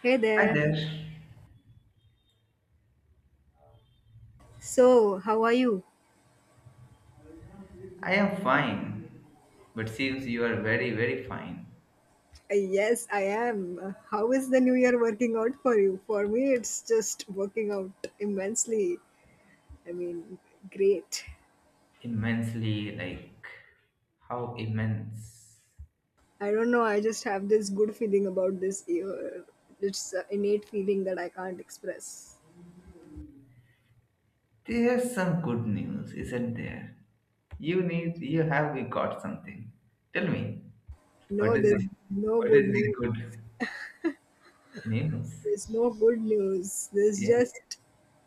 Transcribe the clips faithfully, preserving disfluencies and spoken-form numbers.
Hey Hi there. there. So, how are you? I am fine, but seems you are very, very fine. Uh, Yes, I am. Uh, How is the new year working out for you? For me, it's just working out immensely. I mean, great. Immensely, like, how immense. I don't know, I just have this good feeling about this year. It's an innate feeling that I can't express. There's some good news, isn't there? You need, you have we got something. Tell me, No, what is there's this? no What good is the news. good news? There's no good news. There's Yes. just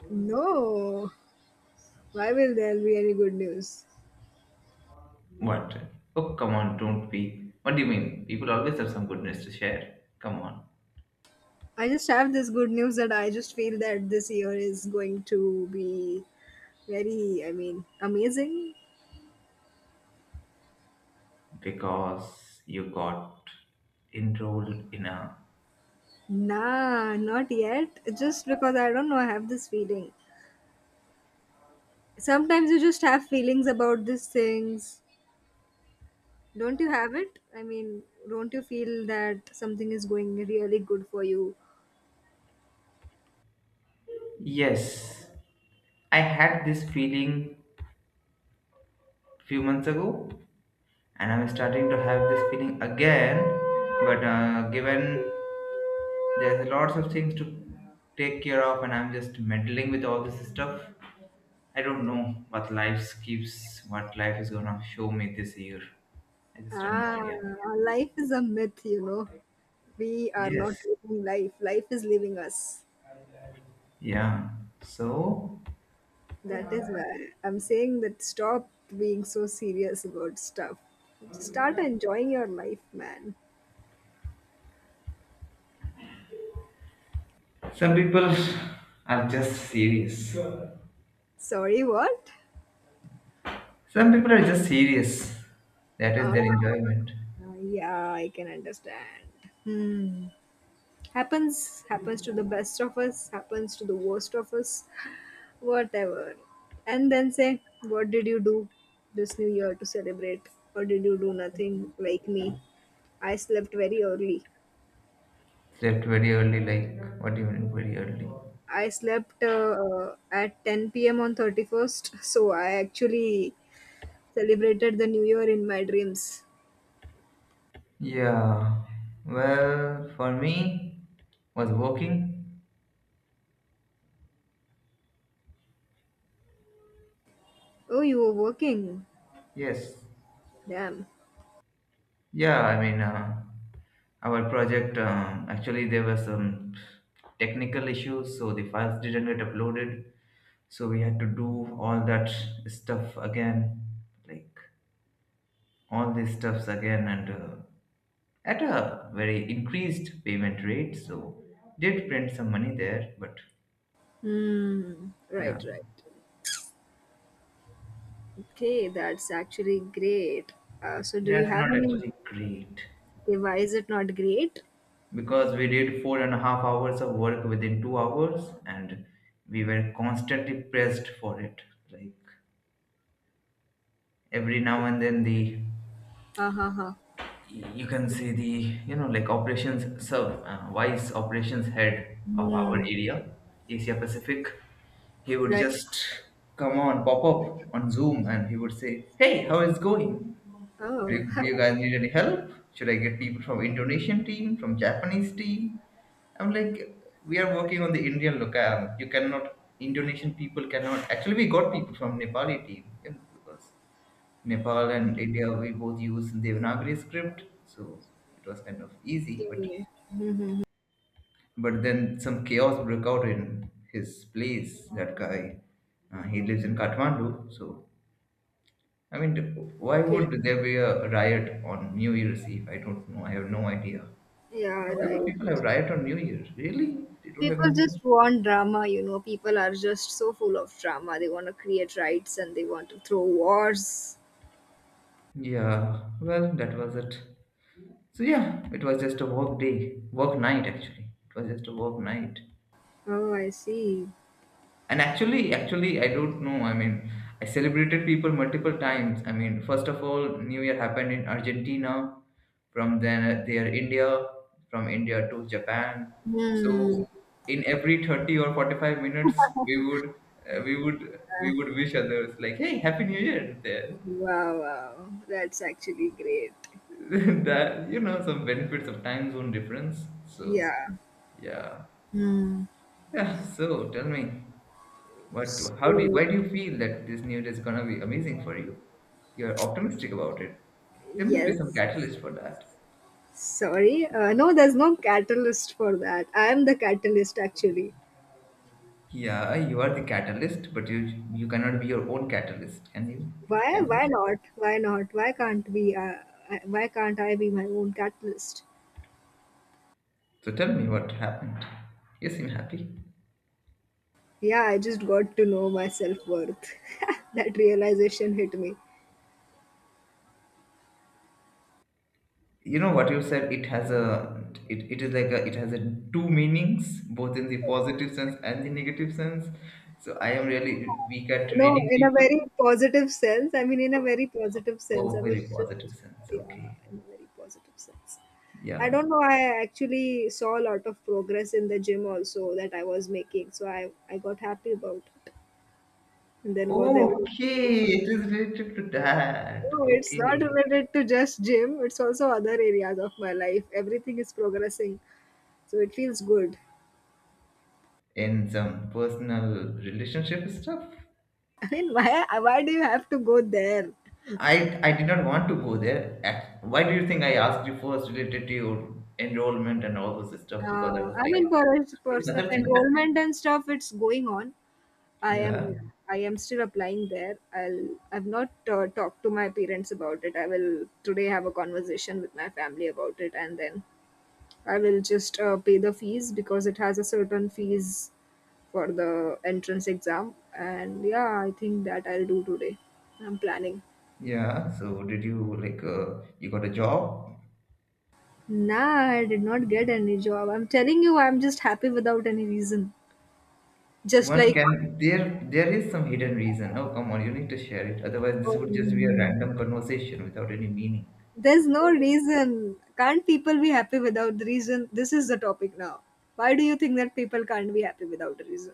no. Why will there be any good news? What? Oh, come on, don't be. What do you mean? People always have some good news to share. Come on. I just have this good news that I just feel that this year is going to be very, I mean, amazing? Because you got enrolled in a. Nah, not yet. Just because I don't know, I have this feeling. Sometimes you just have feelings about these things. Don't you have it? I mean, don't you feel that something is going really good for you? Yes. I had this feeling few months ago, and I'm starting to have this feeling again. But uh, given there's lots of things to take care of, and I'm just meddling with all this stuff, I don't know what life keeps, what life is gonna show me this year. I just have no Ah, idea. life is a myth, you know. We are not Yes. living life, life is living us. Yeah. So That is why I'm saying that stop being so serious about stuff. Just start enjoying your life, man. some people are just serious. Sorry, what? Some people are just serious. That is Uh, their enjoyment. Uh, yeah, I can understand. Hmm. Happens, happens to the best of us, happens to the worst of us, whatever. And then say, what did you do this new year to celebrate? Or did you do nothing like me? I slept very early. Slept very early, like what do you mean very early? I slept uh, at ten p m on thirty first, so I actually celebrated the new year in my dreams. Yeah. Well, for me, was working. Oh, you were working. Yes. Damn. Yeah. I mean, uh, our project um, actually there were some technical issues, so the files didn't get uploaded. So we had to do all that stuff again, like all these stuffs again, and uh, at a very increased payment rate. So did print some money there, but Hmm. yeah. Right, right. Okay, that's actually great. Uh, so, do you That's have not any? actually great Okay, why is it not great? because we did four and a half hours of work within two hours and we were constantly pressed for it. Like every now and then, the Uh, huh, huh. you can see the you know like operations sub uh, vice operations head of our Hmm. area, Asia Pacific. He would Right. just come on pop up on Zoom and he would say, "Hey, how is going?" Do you, Oh. do you guys need any help? Should I get people from Indonesian team, from Japanese team? I'm like, we are working on the Indian locale. You cannot, Indonesian people cannot. Actually, we got people from Nepali team, you know, because Nepal and India, we both use Devanagari script. So it was kind of easy. But, Okay. Mhm. but then some chaos broke out in his place. That guy, uh, he lives in Kathmandu. So I mean, why Okay. would there be a riot on New Year's Eve? I don't know. I have no idea. Yeah. And Why would Right. people have riot on New Year's? Really? They don't have People anything. just want drama. You know, people are just so full of drama. They want to create riots and they want to throw wars. Yeah. Well, that was it. So yeah, it was just a work day, work night actually. It was just a work night. Oh, I see. And actually, actually, I don't know. I mean, I celebrated people multiple times. I mean, first of all, New Year happened in Argentina. From then, uh, there India, from India to Japan. Hmm. So, in every thirty or forty-five minutes, we would, uh, we would, we would wish others like, "Hey, Happy New Year!" There, Wow. Wow. That's actually great. that you know, some benefits of time zone difference. So, Yeah. yeah, Hmm. yeah. So, tell me. What? How do? You, So why do you feel that this new year is gonna be amazing for you? You're optimistic about it. There must be some yes. catalyst for that. Sorry, uh, no, there's no catalyst for that. I am the catalyst actually. Yeah, you are the catalyst, but you you cannot be your own catalyst, can you? Why? Can you? Why not? Why not? Why can't we? Uh, I- why can't I be my own catalyst? So tell me what happened. You seem happy. Yeah, I just got to know my self worth. That realization hit me. You know what you said. It has a it, it is like a it has a two meanings, both in the positive sense and the negative sense. So I am really weak at No, reading in a people. very positive sense. I mean, in a very positive sense. Oh, I was very positive just, sense. yeah, Okay. in a very positive sense. I Yeah. don't know. I actually saw a lot of progress in the gym also that I was making, so I I got happy about it. And then what they will? Okay, it is related to that. No, it's not Okay. related to just gym. It's also other areas of my life. Everything is progressing, so it feels good. In some personal relationship stuff. I mean, why why do you have to go there? I I did not want to go there. Ac- Why do you think I asked you first related to your enrollment and all those stuff? Because I Uh, was I like mean, for us- exploring personal other things. enrollment and stuff, it's going on. I Yeah. am I am still applying there. I'll I've not uh, talked to my parents about it. I will today have a conversation with my family about it, and then I will just uh, pay the fees because it has a certain fees for the entrance exam. And yeah, I think that I'll do today. I'm planning. Yeah. So did you like uh, you got a job? Nah, I did not get any job. I'm telling you, I'm just happy without any reason. Just One like can there there is some hidden reason. Oh, come on, you need to share it. Otherwise this would just be a um, random conversation without any meaning. there's no reason. Can't people be happy without the reason? This is the topic now. Why do you think that people can't be happy without a reason?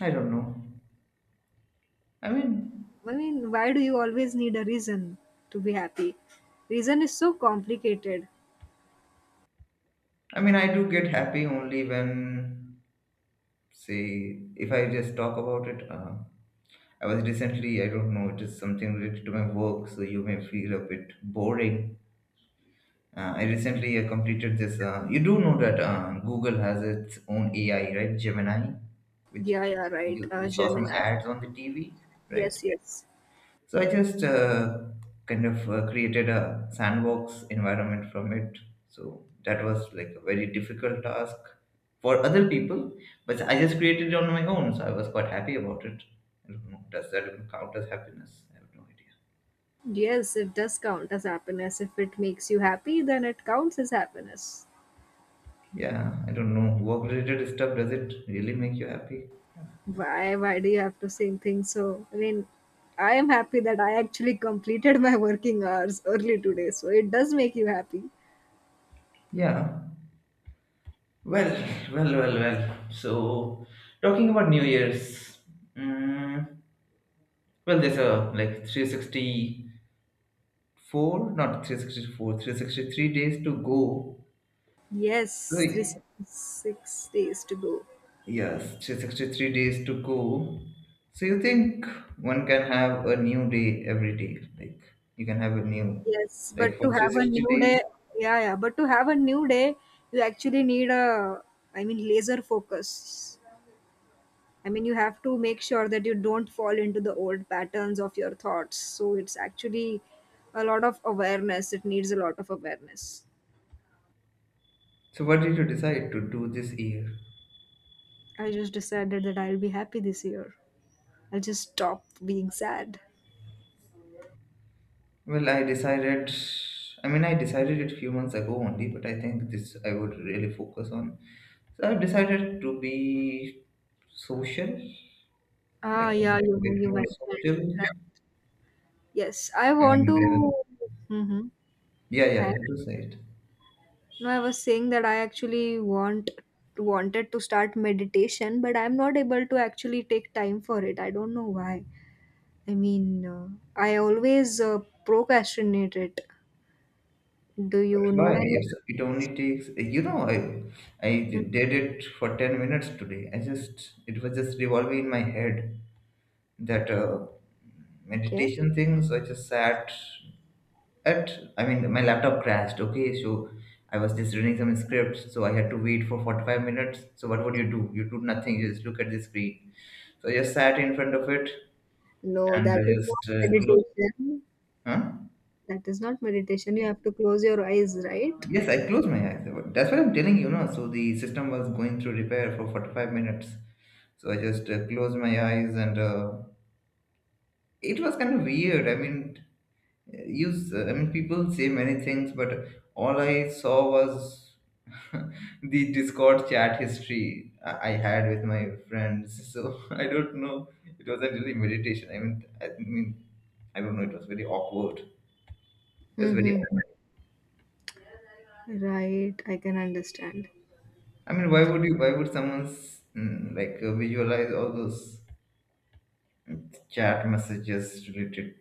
I don't know. I mean I mean, why do you always need a reason to be happy? Reason is so complicated. I mean, I do get happy only when, say, if I just talk about it. Uh, I was recently, I don't know, it is something related to my work, so you may feel a bit boring. Uh, I recently uh, completed this. Uh, you do know that uh, Google has its own A I, right? Gemini, which Yeah, yeah, right. you, Uh, you saw some Gemini. ads on the T V, right? Yes, yes. So I just uh, kind of uh, created a sandbox environment from it. So that was like a very difficult task for other people, but I just created it on my own. So I was quite happy about it. I don't know. Does that even count as happiness? I have no idea. Yes, it does count as happiness. If it makes you happy, then it counts as happiness. Yeah, I don't know. Work-related stuff, does it really make you happy? Why? Why do you have to say things so? I mean, I am happy that I actually completed my working hours early today, so it does make you happy. Yeah. Well, well, well, well. So, talking about New Year's, mm, well, there's a like three sixty four, not three sixty-four, three hundred sixty-three days to go. Yes, three So, six days to go. yes, three sixty-three days to go. So, you think one can have a new day every day? Like, you can have a new, Yes, like, but to for have a three sixty new days. day, yeah, yeah. But to have a new day, you actually need a, I mean, laser focus. I mean, you have to make sure that you don't fall into the old patterns of your thoughts. So it's actually a lot of awareness. It needs a lot of awareness. So, what did you decide to do this year? I just decided that I'll be happy this year. I'll just stop being sad. Well, I decided, I mean, I decided it few months ago only, but I think this I would really focus on. So, I've decided to be social, Ah, like, a yeah, you bit you more mentioned. social Right? Yes, I want and to. uh, Mm-hmm. yeah, yeah, And that was it. no, I was saying that I actually want wanted to start meditation, but I'm not able to actually take time for it. I don't know why. I mean, uh, I always uh, procrastinate it. Do But you know why? any? It's, it only takes, you know, I, I Hmm, did it for ten minutes today. I just, it was just revolving in my head that uh, okay. meditation thing. So I just sat at, I mean, my laptop crashed. Okay. So I was just reading some scripts. So I had to wait for forty-five minutes. So what would you do? You do nothing. You just look at the screen. So I just sat in front of it No, and I that is just not uh, closed. meditation. Huh? That is not meditation. You have to close your eyes, right? Yes, I closed my eyes. That's what I'm telling you, no? So the system was going through repair for forty-five minutes. So I just uh, closed my eyes and uh, it was kind of weird. I mean, use I mean people say many things, but all I saw was the Discord chat history I I had with my friends. So I don't know. It wasn't really meditation. I mean, I mean, I don't know. It was very awkward. It was very Mm-hmm. Right, I can understand. I mean, why would you? Why would someone s- mm, like uh, visualize all those mm, chat messages related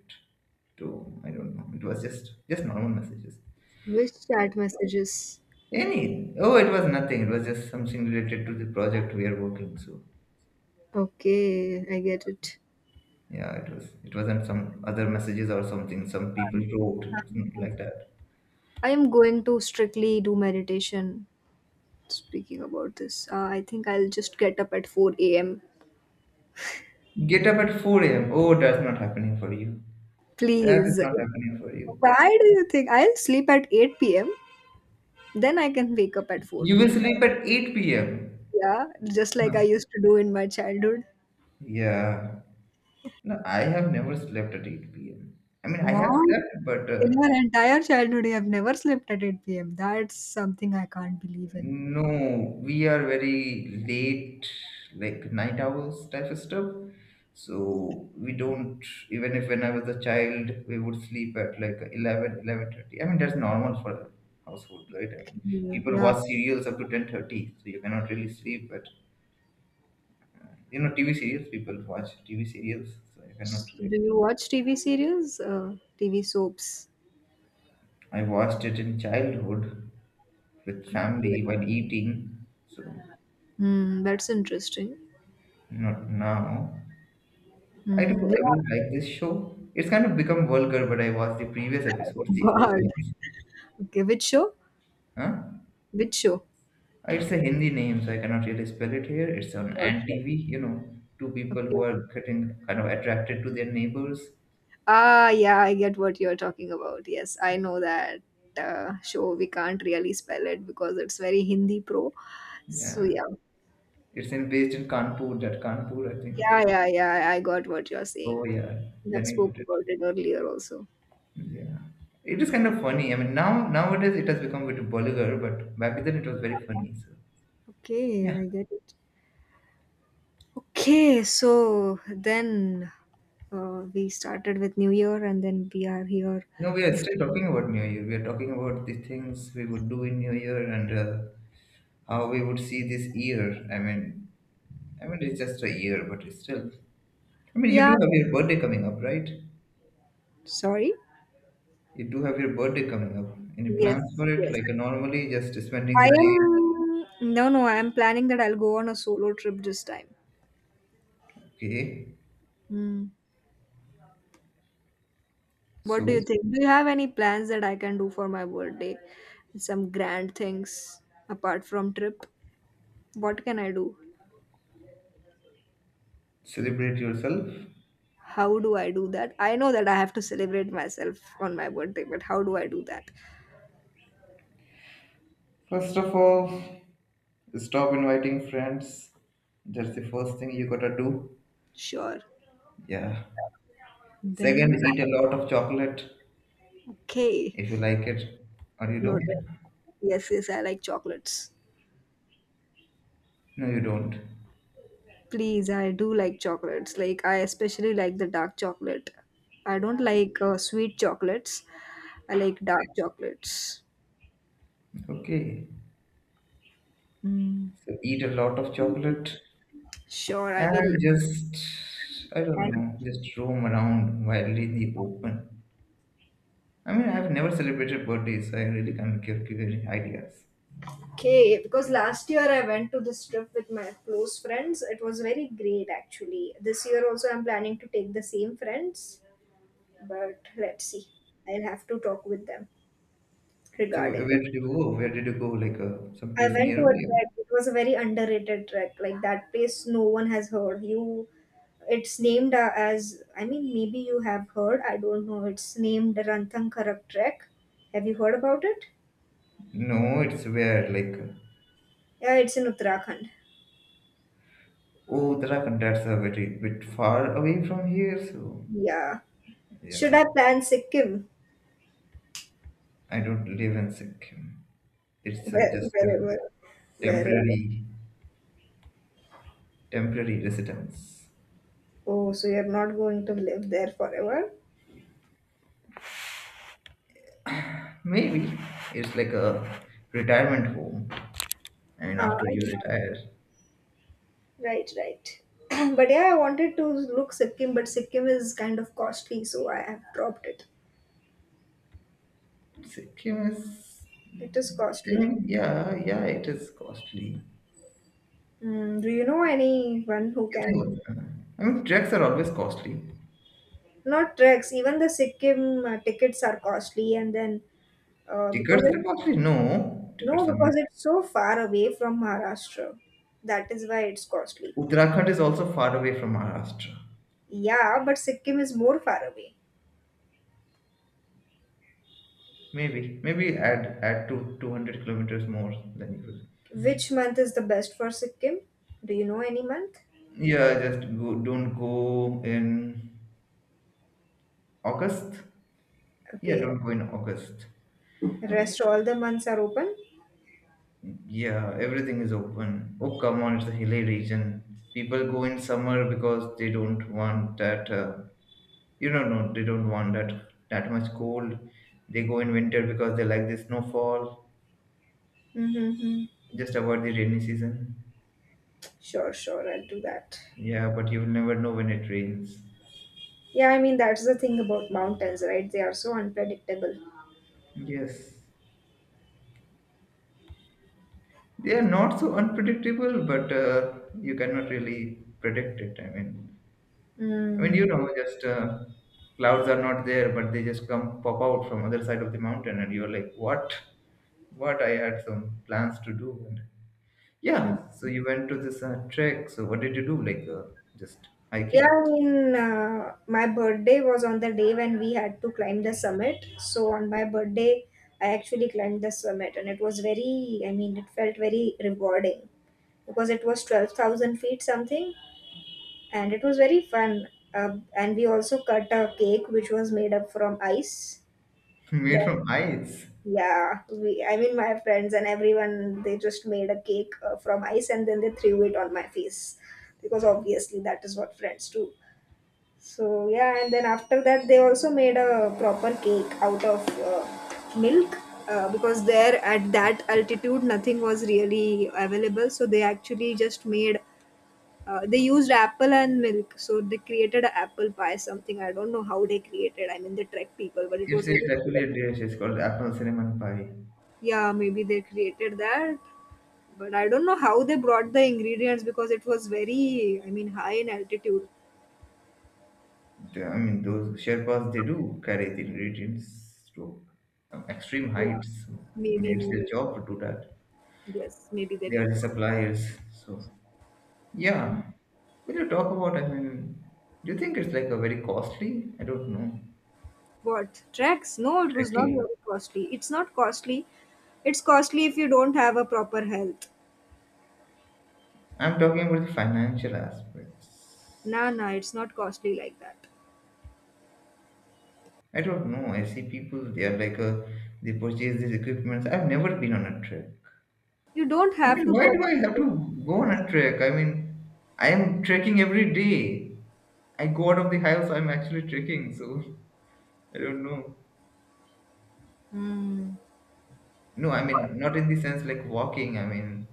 to? I don't know. It was just just normal messages. Which chat messages? Any? Oh, it was nothing. It was just something related to the project we are working. So Okay, I get it. yeah, it was. It wasn't some other messages or something. Some people wrote it like that. I am going to strictly do meditation. Speaking about this, uh, I think I'll just get up at four a m. Get up at four a m. Oh, that's not happening for you. That is Please. not happening for you. Why do you think I'll sleep at eight p m then I can wake up at You 4 will p.m. right? sleep at eight p m. Yeah, just like I Huh. used to do in my childhood. Yeah. No, I have never slept at eight p m. I mean, I have What? slept, but In uh, your entire childhood, you have never slept at eight p m. That's something I can't believe in. no, we are very late, like night owls type of stuff. So we don't, even if when I was a child, we would sleep at like eleven, eleven thirty. I mean, that's normal for a household, right? I mean, Okay, people yeah. watch serials up to ten thirty, so you cannot really sleep at, you know, T V serials, people watch T V serials, so you cannot, S- Do like, you watch T V series? Uh, T V soaps? I watched it in childhood, with Okay. family while eating. So Hmm, that's interesting. not now. I do Hmm, yeah. I do like this show. It's kind of become vulgar, but I watched the previous Oh episodes, the old God. ones. Okay, which show? Huh? Which show? Uh, It's a Hindi name, so I cannot really spell it here. It's on Your Ant show. T V, you know, two people Okay. who are getting kind of attracted to their neighbors. Ah, yeah, I get what you're talking about. Yes, I know that uh, show. We can't really spell it because it's very Hindi pro. So, Yeah. yeah, It's in based in Kanpur, that Kanpur, I think. yeah, yeah, yeah. I got what you're saying. Oh yeah, We Then have I got spoken it. about it earlier also. Yeah. It is kind of funny. I mean now nowadays it has become a bit vulgar, but back then it was very funny. So Okay, yeah. I get it. Okay, so then uh, we started with New Year and then we are here. No, we are This- still talking about New Year. We are talking about the things we would do in New Year and uh, how we would see this year. I mean, I mean it's just a year, but it's still. I mean, you Yeah, do have your birthday coming up, right? sorry. You do have your birthday coming up. Any Yes, plans for it? yes. Like uh, normally, just spending I the day. am, no, no, I am planning that I'll go on a solo trip this time. Okay, Hmm. What do so you think? Do you have any plans that I can do for my birthday? Some grand things apart from trip? What can I do? celebrate yourself. How do I do that? I know that I have to celebrate myself on my birthday, but how do I do that? First of all, stop inviting friends. That's the first thing you gotta do. Sure. Yeah. Then, Second, eat a lot of chocolate. okay. If you like it or you don't. Noted. Yes, yes, I like chocolates. No, you don't. Please, I do like chocolates. Like, I especially like the dark chocolate. I don't like uh, sweet chocolates. I like dark chocolates. Okay, Mm. so eat a lot of chocolate Sure, I and will. just I don't know, just roam around wildly in the open. I mean I have never celebrated birthdays, so I really can't give, give any ideas. Okay, because last year I went to this trip with my close friends. It was very great actually. This year also I'm planning to take the same friends, but let's see. I'll have to talk with them So regarding where did you go where did you go like uh, I someplace went to near a you? trek. It was a very underrated trek. Like that place no one has heard. You it's named uh, as, I mean, maybe you have heard, I don't know. It's named Ranthankarak Trek. Have you heard about it? No, it's where, like, uh, Yeah, it's in Uttarakhand. oh, Uttarakhand. That's a very bit far away from here. So Yeah. Should yeah, I plan Sikkim? I don't live in Sikkim. It's uh, Where, just a wherever, wherever. temporary temporary residence. Oh, so you're not going to live there forever? Maybe it's like a retirement home. I mean, Ah, after you retire, right, right. But yeah, I wanted to look Sikkim, but Sikkim is kind of costly, so I have dropped it. Sikkim is. It is I costly. mean, yeah, yeah, it is costly. Mm, do you know anyone who You can? think? uh, I mean, treks are always costly. Not treks, even the Sikkim uh, tickets are costly, and then uh, because Tickets it, are costly. No, no, tickets are because not. it's so far away from Maharashtra, that is why it's costly. Uttarakhand is also far away from Maharashtra. Yeah, but Sikkim is more far away. Maybe, maybe add add to two hundred kilometers more than usual. Which month is the best for Sikkim? Do you know any month? Yeah, just go, don't go in August. Yeah, Okay, don't go in August. rest all the months are open. Yeah, everything is open. Oh, come on, it's a hilly region. People go in summer because they don't want that, uh, you know, no, they don't want that that much cold. They go in winter because they like the snowfall. Mm-hmm. Just avoid the rainy season. Sure, sure, I'll do that. Yeah, but you will never know when it rains. Yeah, I mean that's the thing about mountains, right? They are so unpredictable. Yes, they are not so unpredictable, but uh, you cannot really predict it. I mean. I mean, you Mm. know, just uh, Clouds are not there, but they just come pop out from other side of the mountain, and you're like, what? What? I had some plans to do, and yeah. So you went to this uh, trek. So what did you do? Like uh, just Yeah, hiking. I mean uh, my birthday was on the day when we had to climb the summit. So on my birthday, I actually climbed the summit, and it was very, I mean, it felt very rewarding because it was twelve thousand feet something, and it was very fun. Uh, and we also cut a cake which was made up from ice. Made Then, from ice. yeah, we, I mean, my friends and everyone, they just made a cake uh, from ice and then they threw it on my face because obviously that is what friends do. So, yeah, and then after that, they also made a proper cake out of uh, milk. Uh, because there at that altitude nothing was really available so they actually just made uh, they used apple and milk, so they created a apple pie, something. I don't know how they created. I mean, the trek people, but it It's, was very. it's actually a dish. It's called apple cinnamon pie. Yeah, maybe they created that, but I don't know how they brought the ingredients because it was very, I mean, high in altitude. The- I mean, those Sherpas they do carry the ingredients to um, extreme Yeah, heights. So I maybe, mean, it's their maybe. job to do that. Yes, maybe they They are did the that. suppliers. So yeah. When you talk about, I mean, do you think it's like a very costly? I don't know. What? Treks? No, it was not very Trekking? costly. It's not costly. It's costly if you don't have a proper health. I'm talking about the financial aspects. Nah, nah, it's not costly like that. I don't know. I see people, they are like, a, they purchase these equipments. I've never been on a trek. You don't I have mean, to why do I have to go on purchase. a trek? I mean, I am trekking every day. I go out of the house, I'm actually trekking, so I don't know. Hmm. No, I mean, not in the sense like walking. I mean,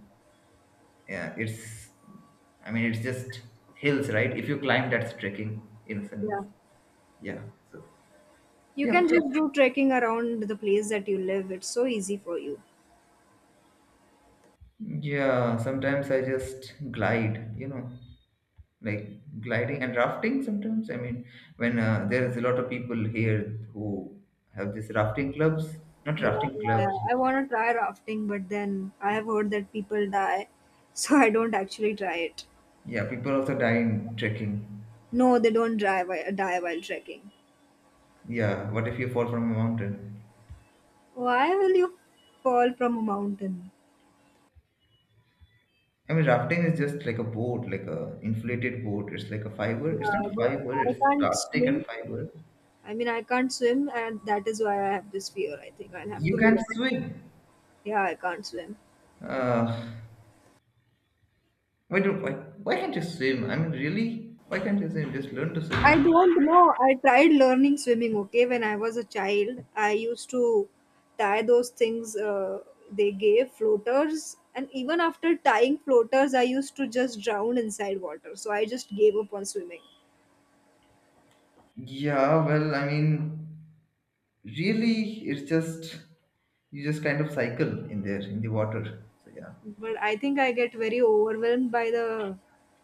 yeah, it's. I mean, it's just hills, right? If you climb, that's trekking in a sense. Yeah. Yeah. So. You Yep. can just do trekking around the place that you live. It's so easy for you. Yeah. Sometimes I just glide. You know, like gliding and rafting. Sometimes I mean, when uh, there is a lot of people here who have these rafting clubs. Not Yeah, rafting yeah, yeah. clubs. I Like, want to try rafting, but then I have heard that people die, so I don't actually try it. yeah, people also die in trekking. No, they don't die while, die while trekking. Yeah. What if you fall from a mountain? Why will you fall from a mountain? I mean, rafting is just like a boat, like a inflated boat. It's like a fiber. It's not Yeah, but fiber. I It's can't plastic swim. and fiber. I mean, I can't swim, and that is why I have this fear. I think I'll have to You can't learn. swim. Yeah, I can't swim. Uh, why do why, why can't you swim? I mean, really, why can't you swim? Just learn to swim. I Now. don't know. I tried learning swimming, okay, when I was a child. I used to tie those things uh, they gave, floaters. And even after tying floaters, I used to just drown inside water. So I just gave up on swimming. Yeah, well, I mean, really, it's just you just kind of cycle in there in the water. So yeah, But I think I get very overwhelmed by the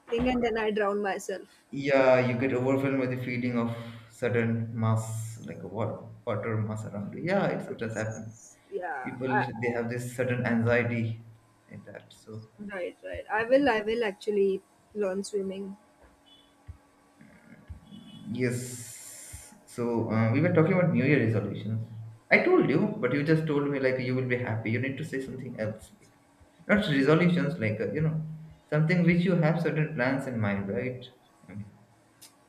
thing and then I drown myself. yeah, you get overwhelmed with the feeling of sudden mass, like a water, water mass around you. Yeah, it sometimes happens. Yeah, I, People they have this certain anxiety in that so right, right. I will, I will actually learn swimming. yes. So uh, we were talking about new year resolutions. I told you but you just told me like you will be happy, you need to say something else, like not resolutions, like uh, you know something which you have certain plans in mind, right? I mean,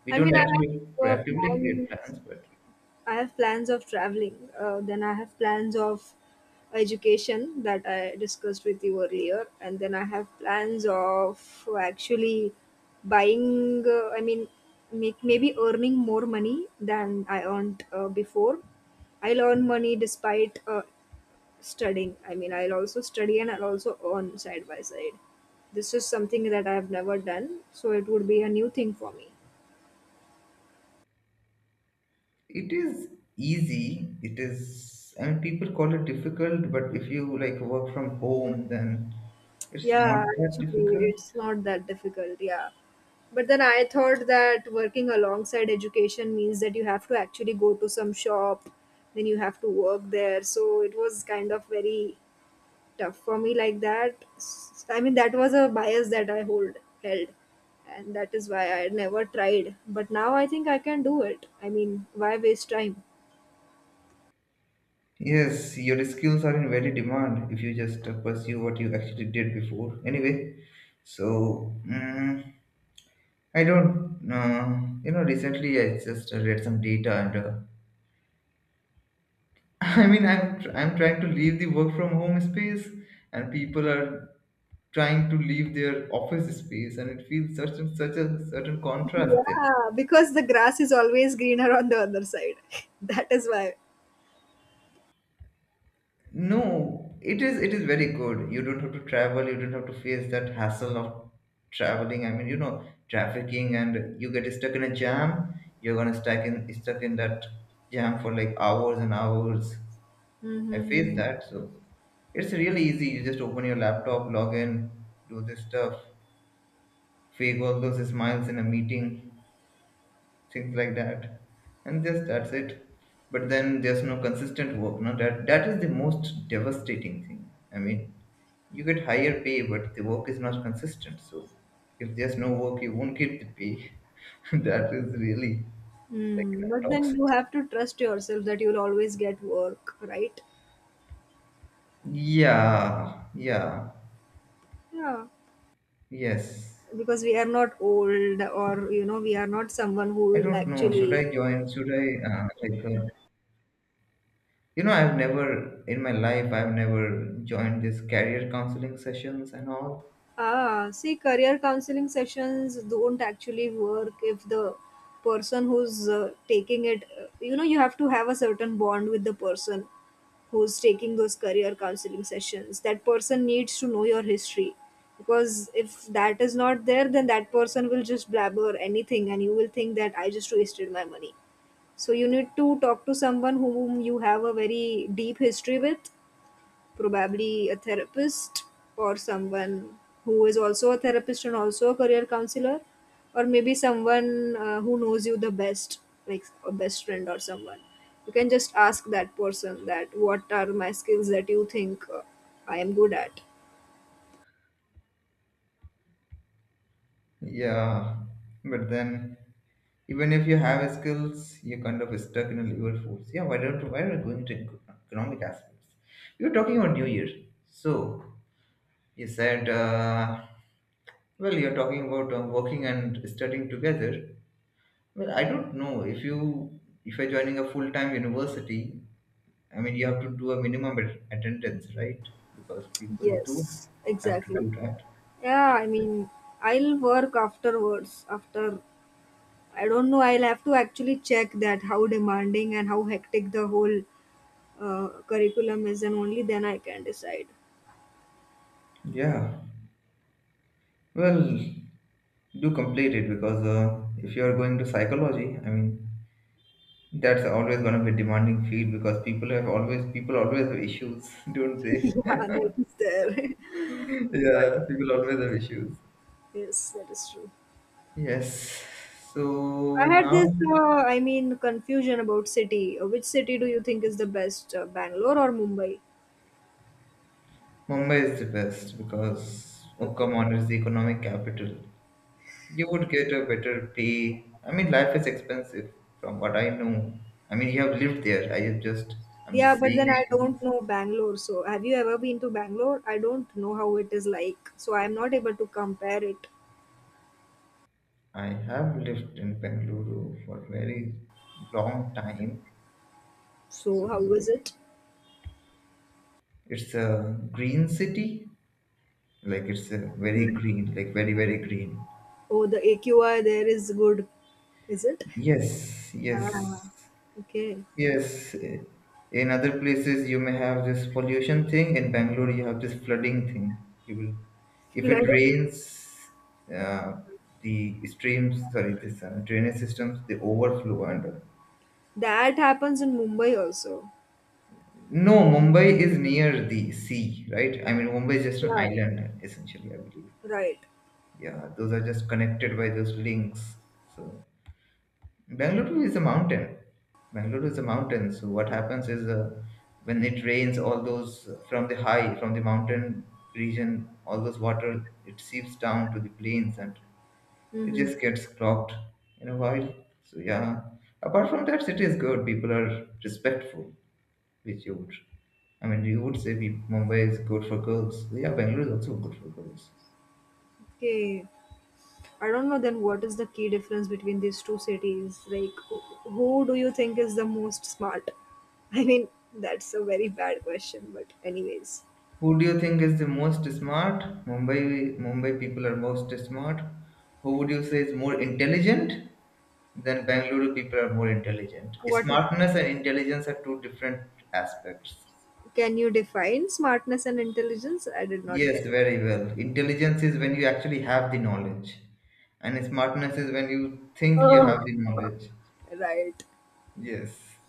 we I mean, don't I actually have uh, proactively plans create plans but I have plans Of traveling. Uh, then I have plans of education that I discussed with you earlier, and then I have plans of actually buying. Uh, I mean, make maybe earning more money than I earned uh, before. I'll earn money despite uh, studying. I mean, I'll also study and I'll also earn side by side. This is something that I have never done, so it would be a new thing for me. it is easy. It is, I mean people call it difficult but if you like work from home then it's not Yeah, that actually, difficult. it's not that difficult. Yeah. But then I thought that working alongside education means that you have to actually go to some shop, then you have to work there. So it was kind of very tough for me like that. S- I mean, that was a bias that I hold held, and that is why I never tried. But now I think I can do it. I mean, why waste time? Yes, your skills are in very demand if you just uh, pursue what you actually did before. Anyway, so mm, I don't, uh, you know, recently I just uh, read some data and uh, I mean, I'm tr- I'm trying to leave the work from home space, and people are trying to leave their office space, and it feels such a, such a certain contrast there. Yeah, because the grass is always greener on the other side. That is why. No, it is it is very good. You don't have to travel. You don't have to face that hassle of traveling. I mean, you know, trafficking, and you get stuck in a jam. You're gonna stuck in stuck in that jam for like hours and hours. I faced Mm-hmm. that, so it's really easy. You just open your laptop, log in, do this stuff, fake all those smiles in a meeting, things like that, and just that's it. But then there's no consistent work. No, that that is the most devastating thing. I mean you get higher pay, but the work is not consistent. So if there's no work, you won't get the pay. That is really like Hmm. But then toxic. you have to trust yourself that you'll always get work, right? Yeah, yeah, Yeah. yes. Because we are not old or, you know, we are not someone who I will don't know. Should actually I join? Should I uh, like? Uh, you know, I've never in my life I've never joined this career counseling sessions and all. ah, see, career counseling sessions don't actually work if the person who's uh, taking it, uh, you know, you have to have a certain bond with the person who's taking those career counseling sessions. That person needs to know your history because if that is not there, then that person will just blabber anything and you will think that I just wasted my money. So you need to talk to someone whom you have a very deep history with, probably a therapist or someone who is also a therapist and also a career counselor, or maybe someone uh, who knows you the best, like a best friend or someone. You can just ask that person that what are my skills that you think uh, I am good at. Yeah, but then even if you have skills, you're kind of stuck in a level force. Yeah, why don't why are we going to ec- economic aspects? We were talking about New Year, so you said, uh, well, you're talking about uh, working and studying together. Well, I don't know if you if you're joining a full time university. I mean, you have to do a minimum at- attendance, right? Because people Yes, do have to exactly. do that. Yeah, I mean, I'll work afterwards. After, I don't know, I'll have to actually check that how demanding and how hectic the whole uh, curriculum is and only then I can decide. Yeah. Well, do complete it because uh, if you are going to psychology, I mean, that's always going to be a demanding field because people have always people always have issues, don't Yeah, they? that is there. But Yeah, people always have issues. yes, that is true. Yes. I So had this, now uh, I mean, confusion about city. Uh, Which city do you think is the best, uh, Bangalore or Mumbai? Mumbai is the best because oh Okay. come on, it's the economic capital. You would get a better pay. I mean, life is expensive from what I know. I mean, you have lived there. I have just I'm Yeah, just but then saying I don't things. know Bangalore. So, have you ever been to Bangalore? I don't know how it is like. So, I'm not able to compare it. I have lived in Bengaluru for a very long time. So, So how is it? it's a green city. Like it's a very Hmm. green, like very, very green. Oh, the A Q I there is good. Is it? Yes, Ah, yes, okay. yes. Eh, in other places, you may have this pollution thing. In Bangalore, you have this flooding thing. You will, if it Flood. rains, uh, the streams, sorry, this uh, drainage systems, they overflow and uh, That happens in Mumbai also. no, Mumbai is near the sea, right? I mean, Mumbai is just an Yeah. island, essentially, I believe. Right. Yeah, those are just connected by those links. So, Bangalore is a mountain. Bangalore is a mountain. So, what happens is uh, when it rains, all those uh, from the high, from the mountain region, all those water, it seeps down to the plains and it Hmm. just gets clogged in a while. So, yeah, apart from that, city is good. People are respectful which you would. I mean, you would say we, Mumbai is good for girls. Yeah, Bangalore is also good for girls. Okay. I don't know then what is the key difference between these two cities? Like, wh- who do you think is the most smart? I mean, that's a very bad question, but anyways. Who do you think is the most smart? Mumbai, Mumbai people are most smart. Who would you say is more intelligent? Then Bangalore people are more intelligent. What, Smartness and intelligence are two different aspects. can you define smartness and intelligence? I did not get. Yes, very well. Intelligence is when you actually have the knowledge, and smartness is when you think you Oh. have the knowledge. Right. Yes.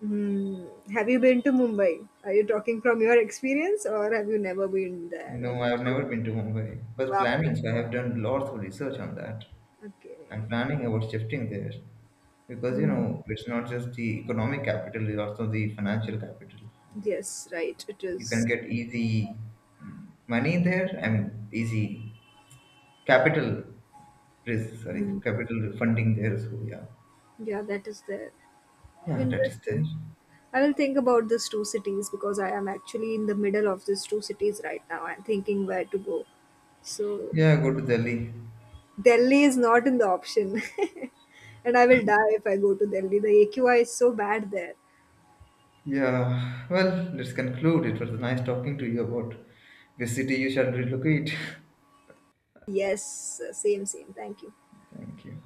Hmm. Have you been to Mumbai? Are you talking from your experience or have you never been there? And No, I have never been to Mumbai. Was wow. planning, so I have done lots of research on that. I'm Okay. planning about shifting there because you know it's not just the economic capital; it's also the financial capital. I mean, Yes, right, it you can is. get easy mm, money there. I mean, easy capital risk. Sorry, Mm. capital funding there. So yeah, Yeah, that is there. yeah, that is there. Interesting. I will think about these two cities because I am actually in the middle of these two cities right now. I'm thinking where to go. So Yeah, go to Delhi. Delhi is not in the option. And I will die if I go to Delhi. The A Q I is so bad there. Yeah. Well, let's conclude. It was nice talking to you about the city you shall relocate. Yes, same, same. Thank you. Thank you.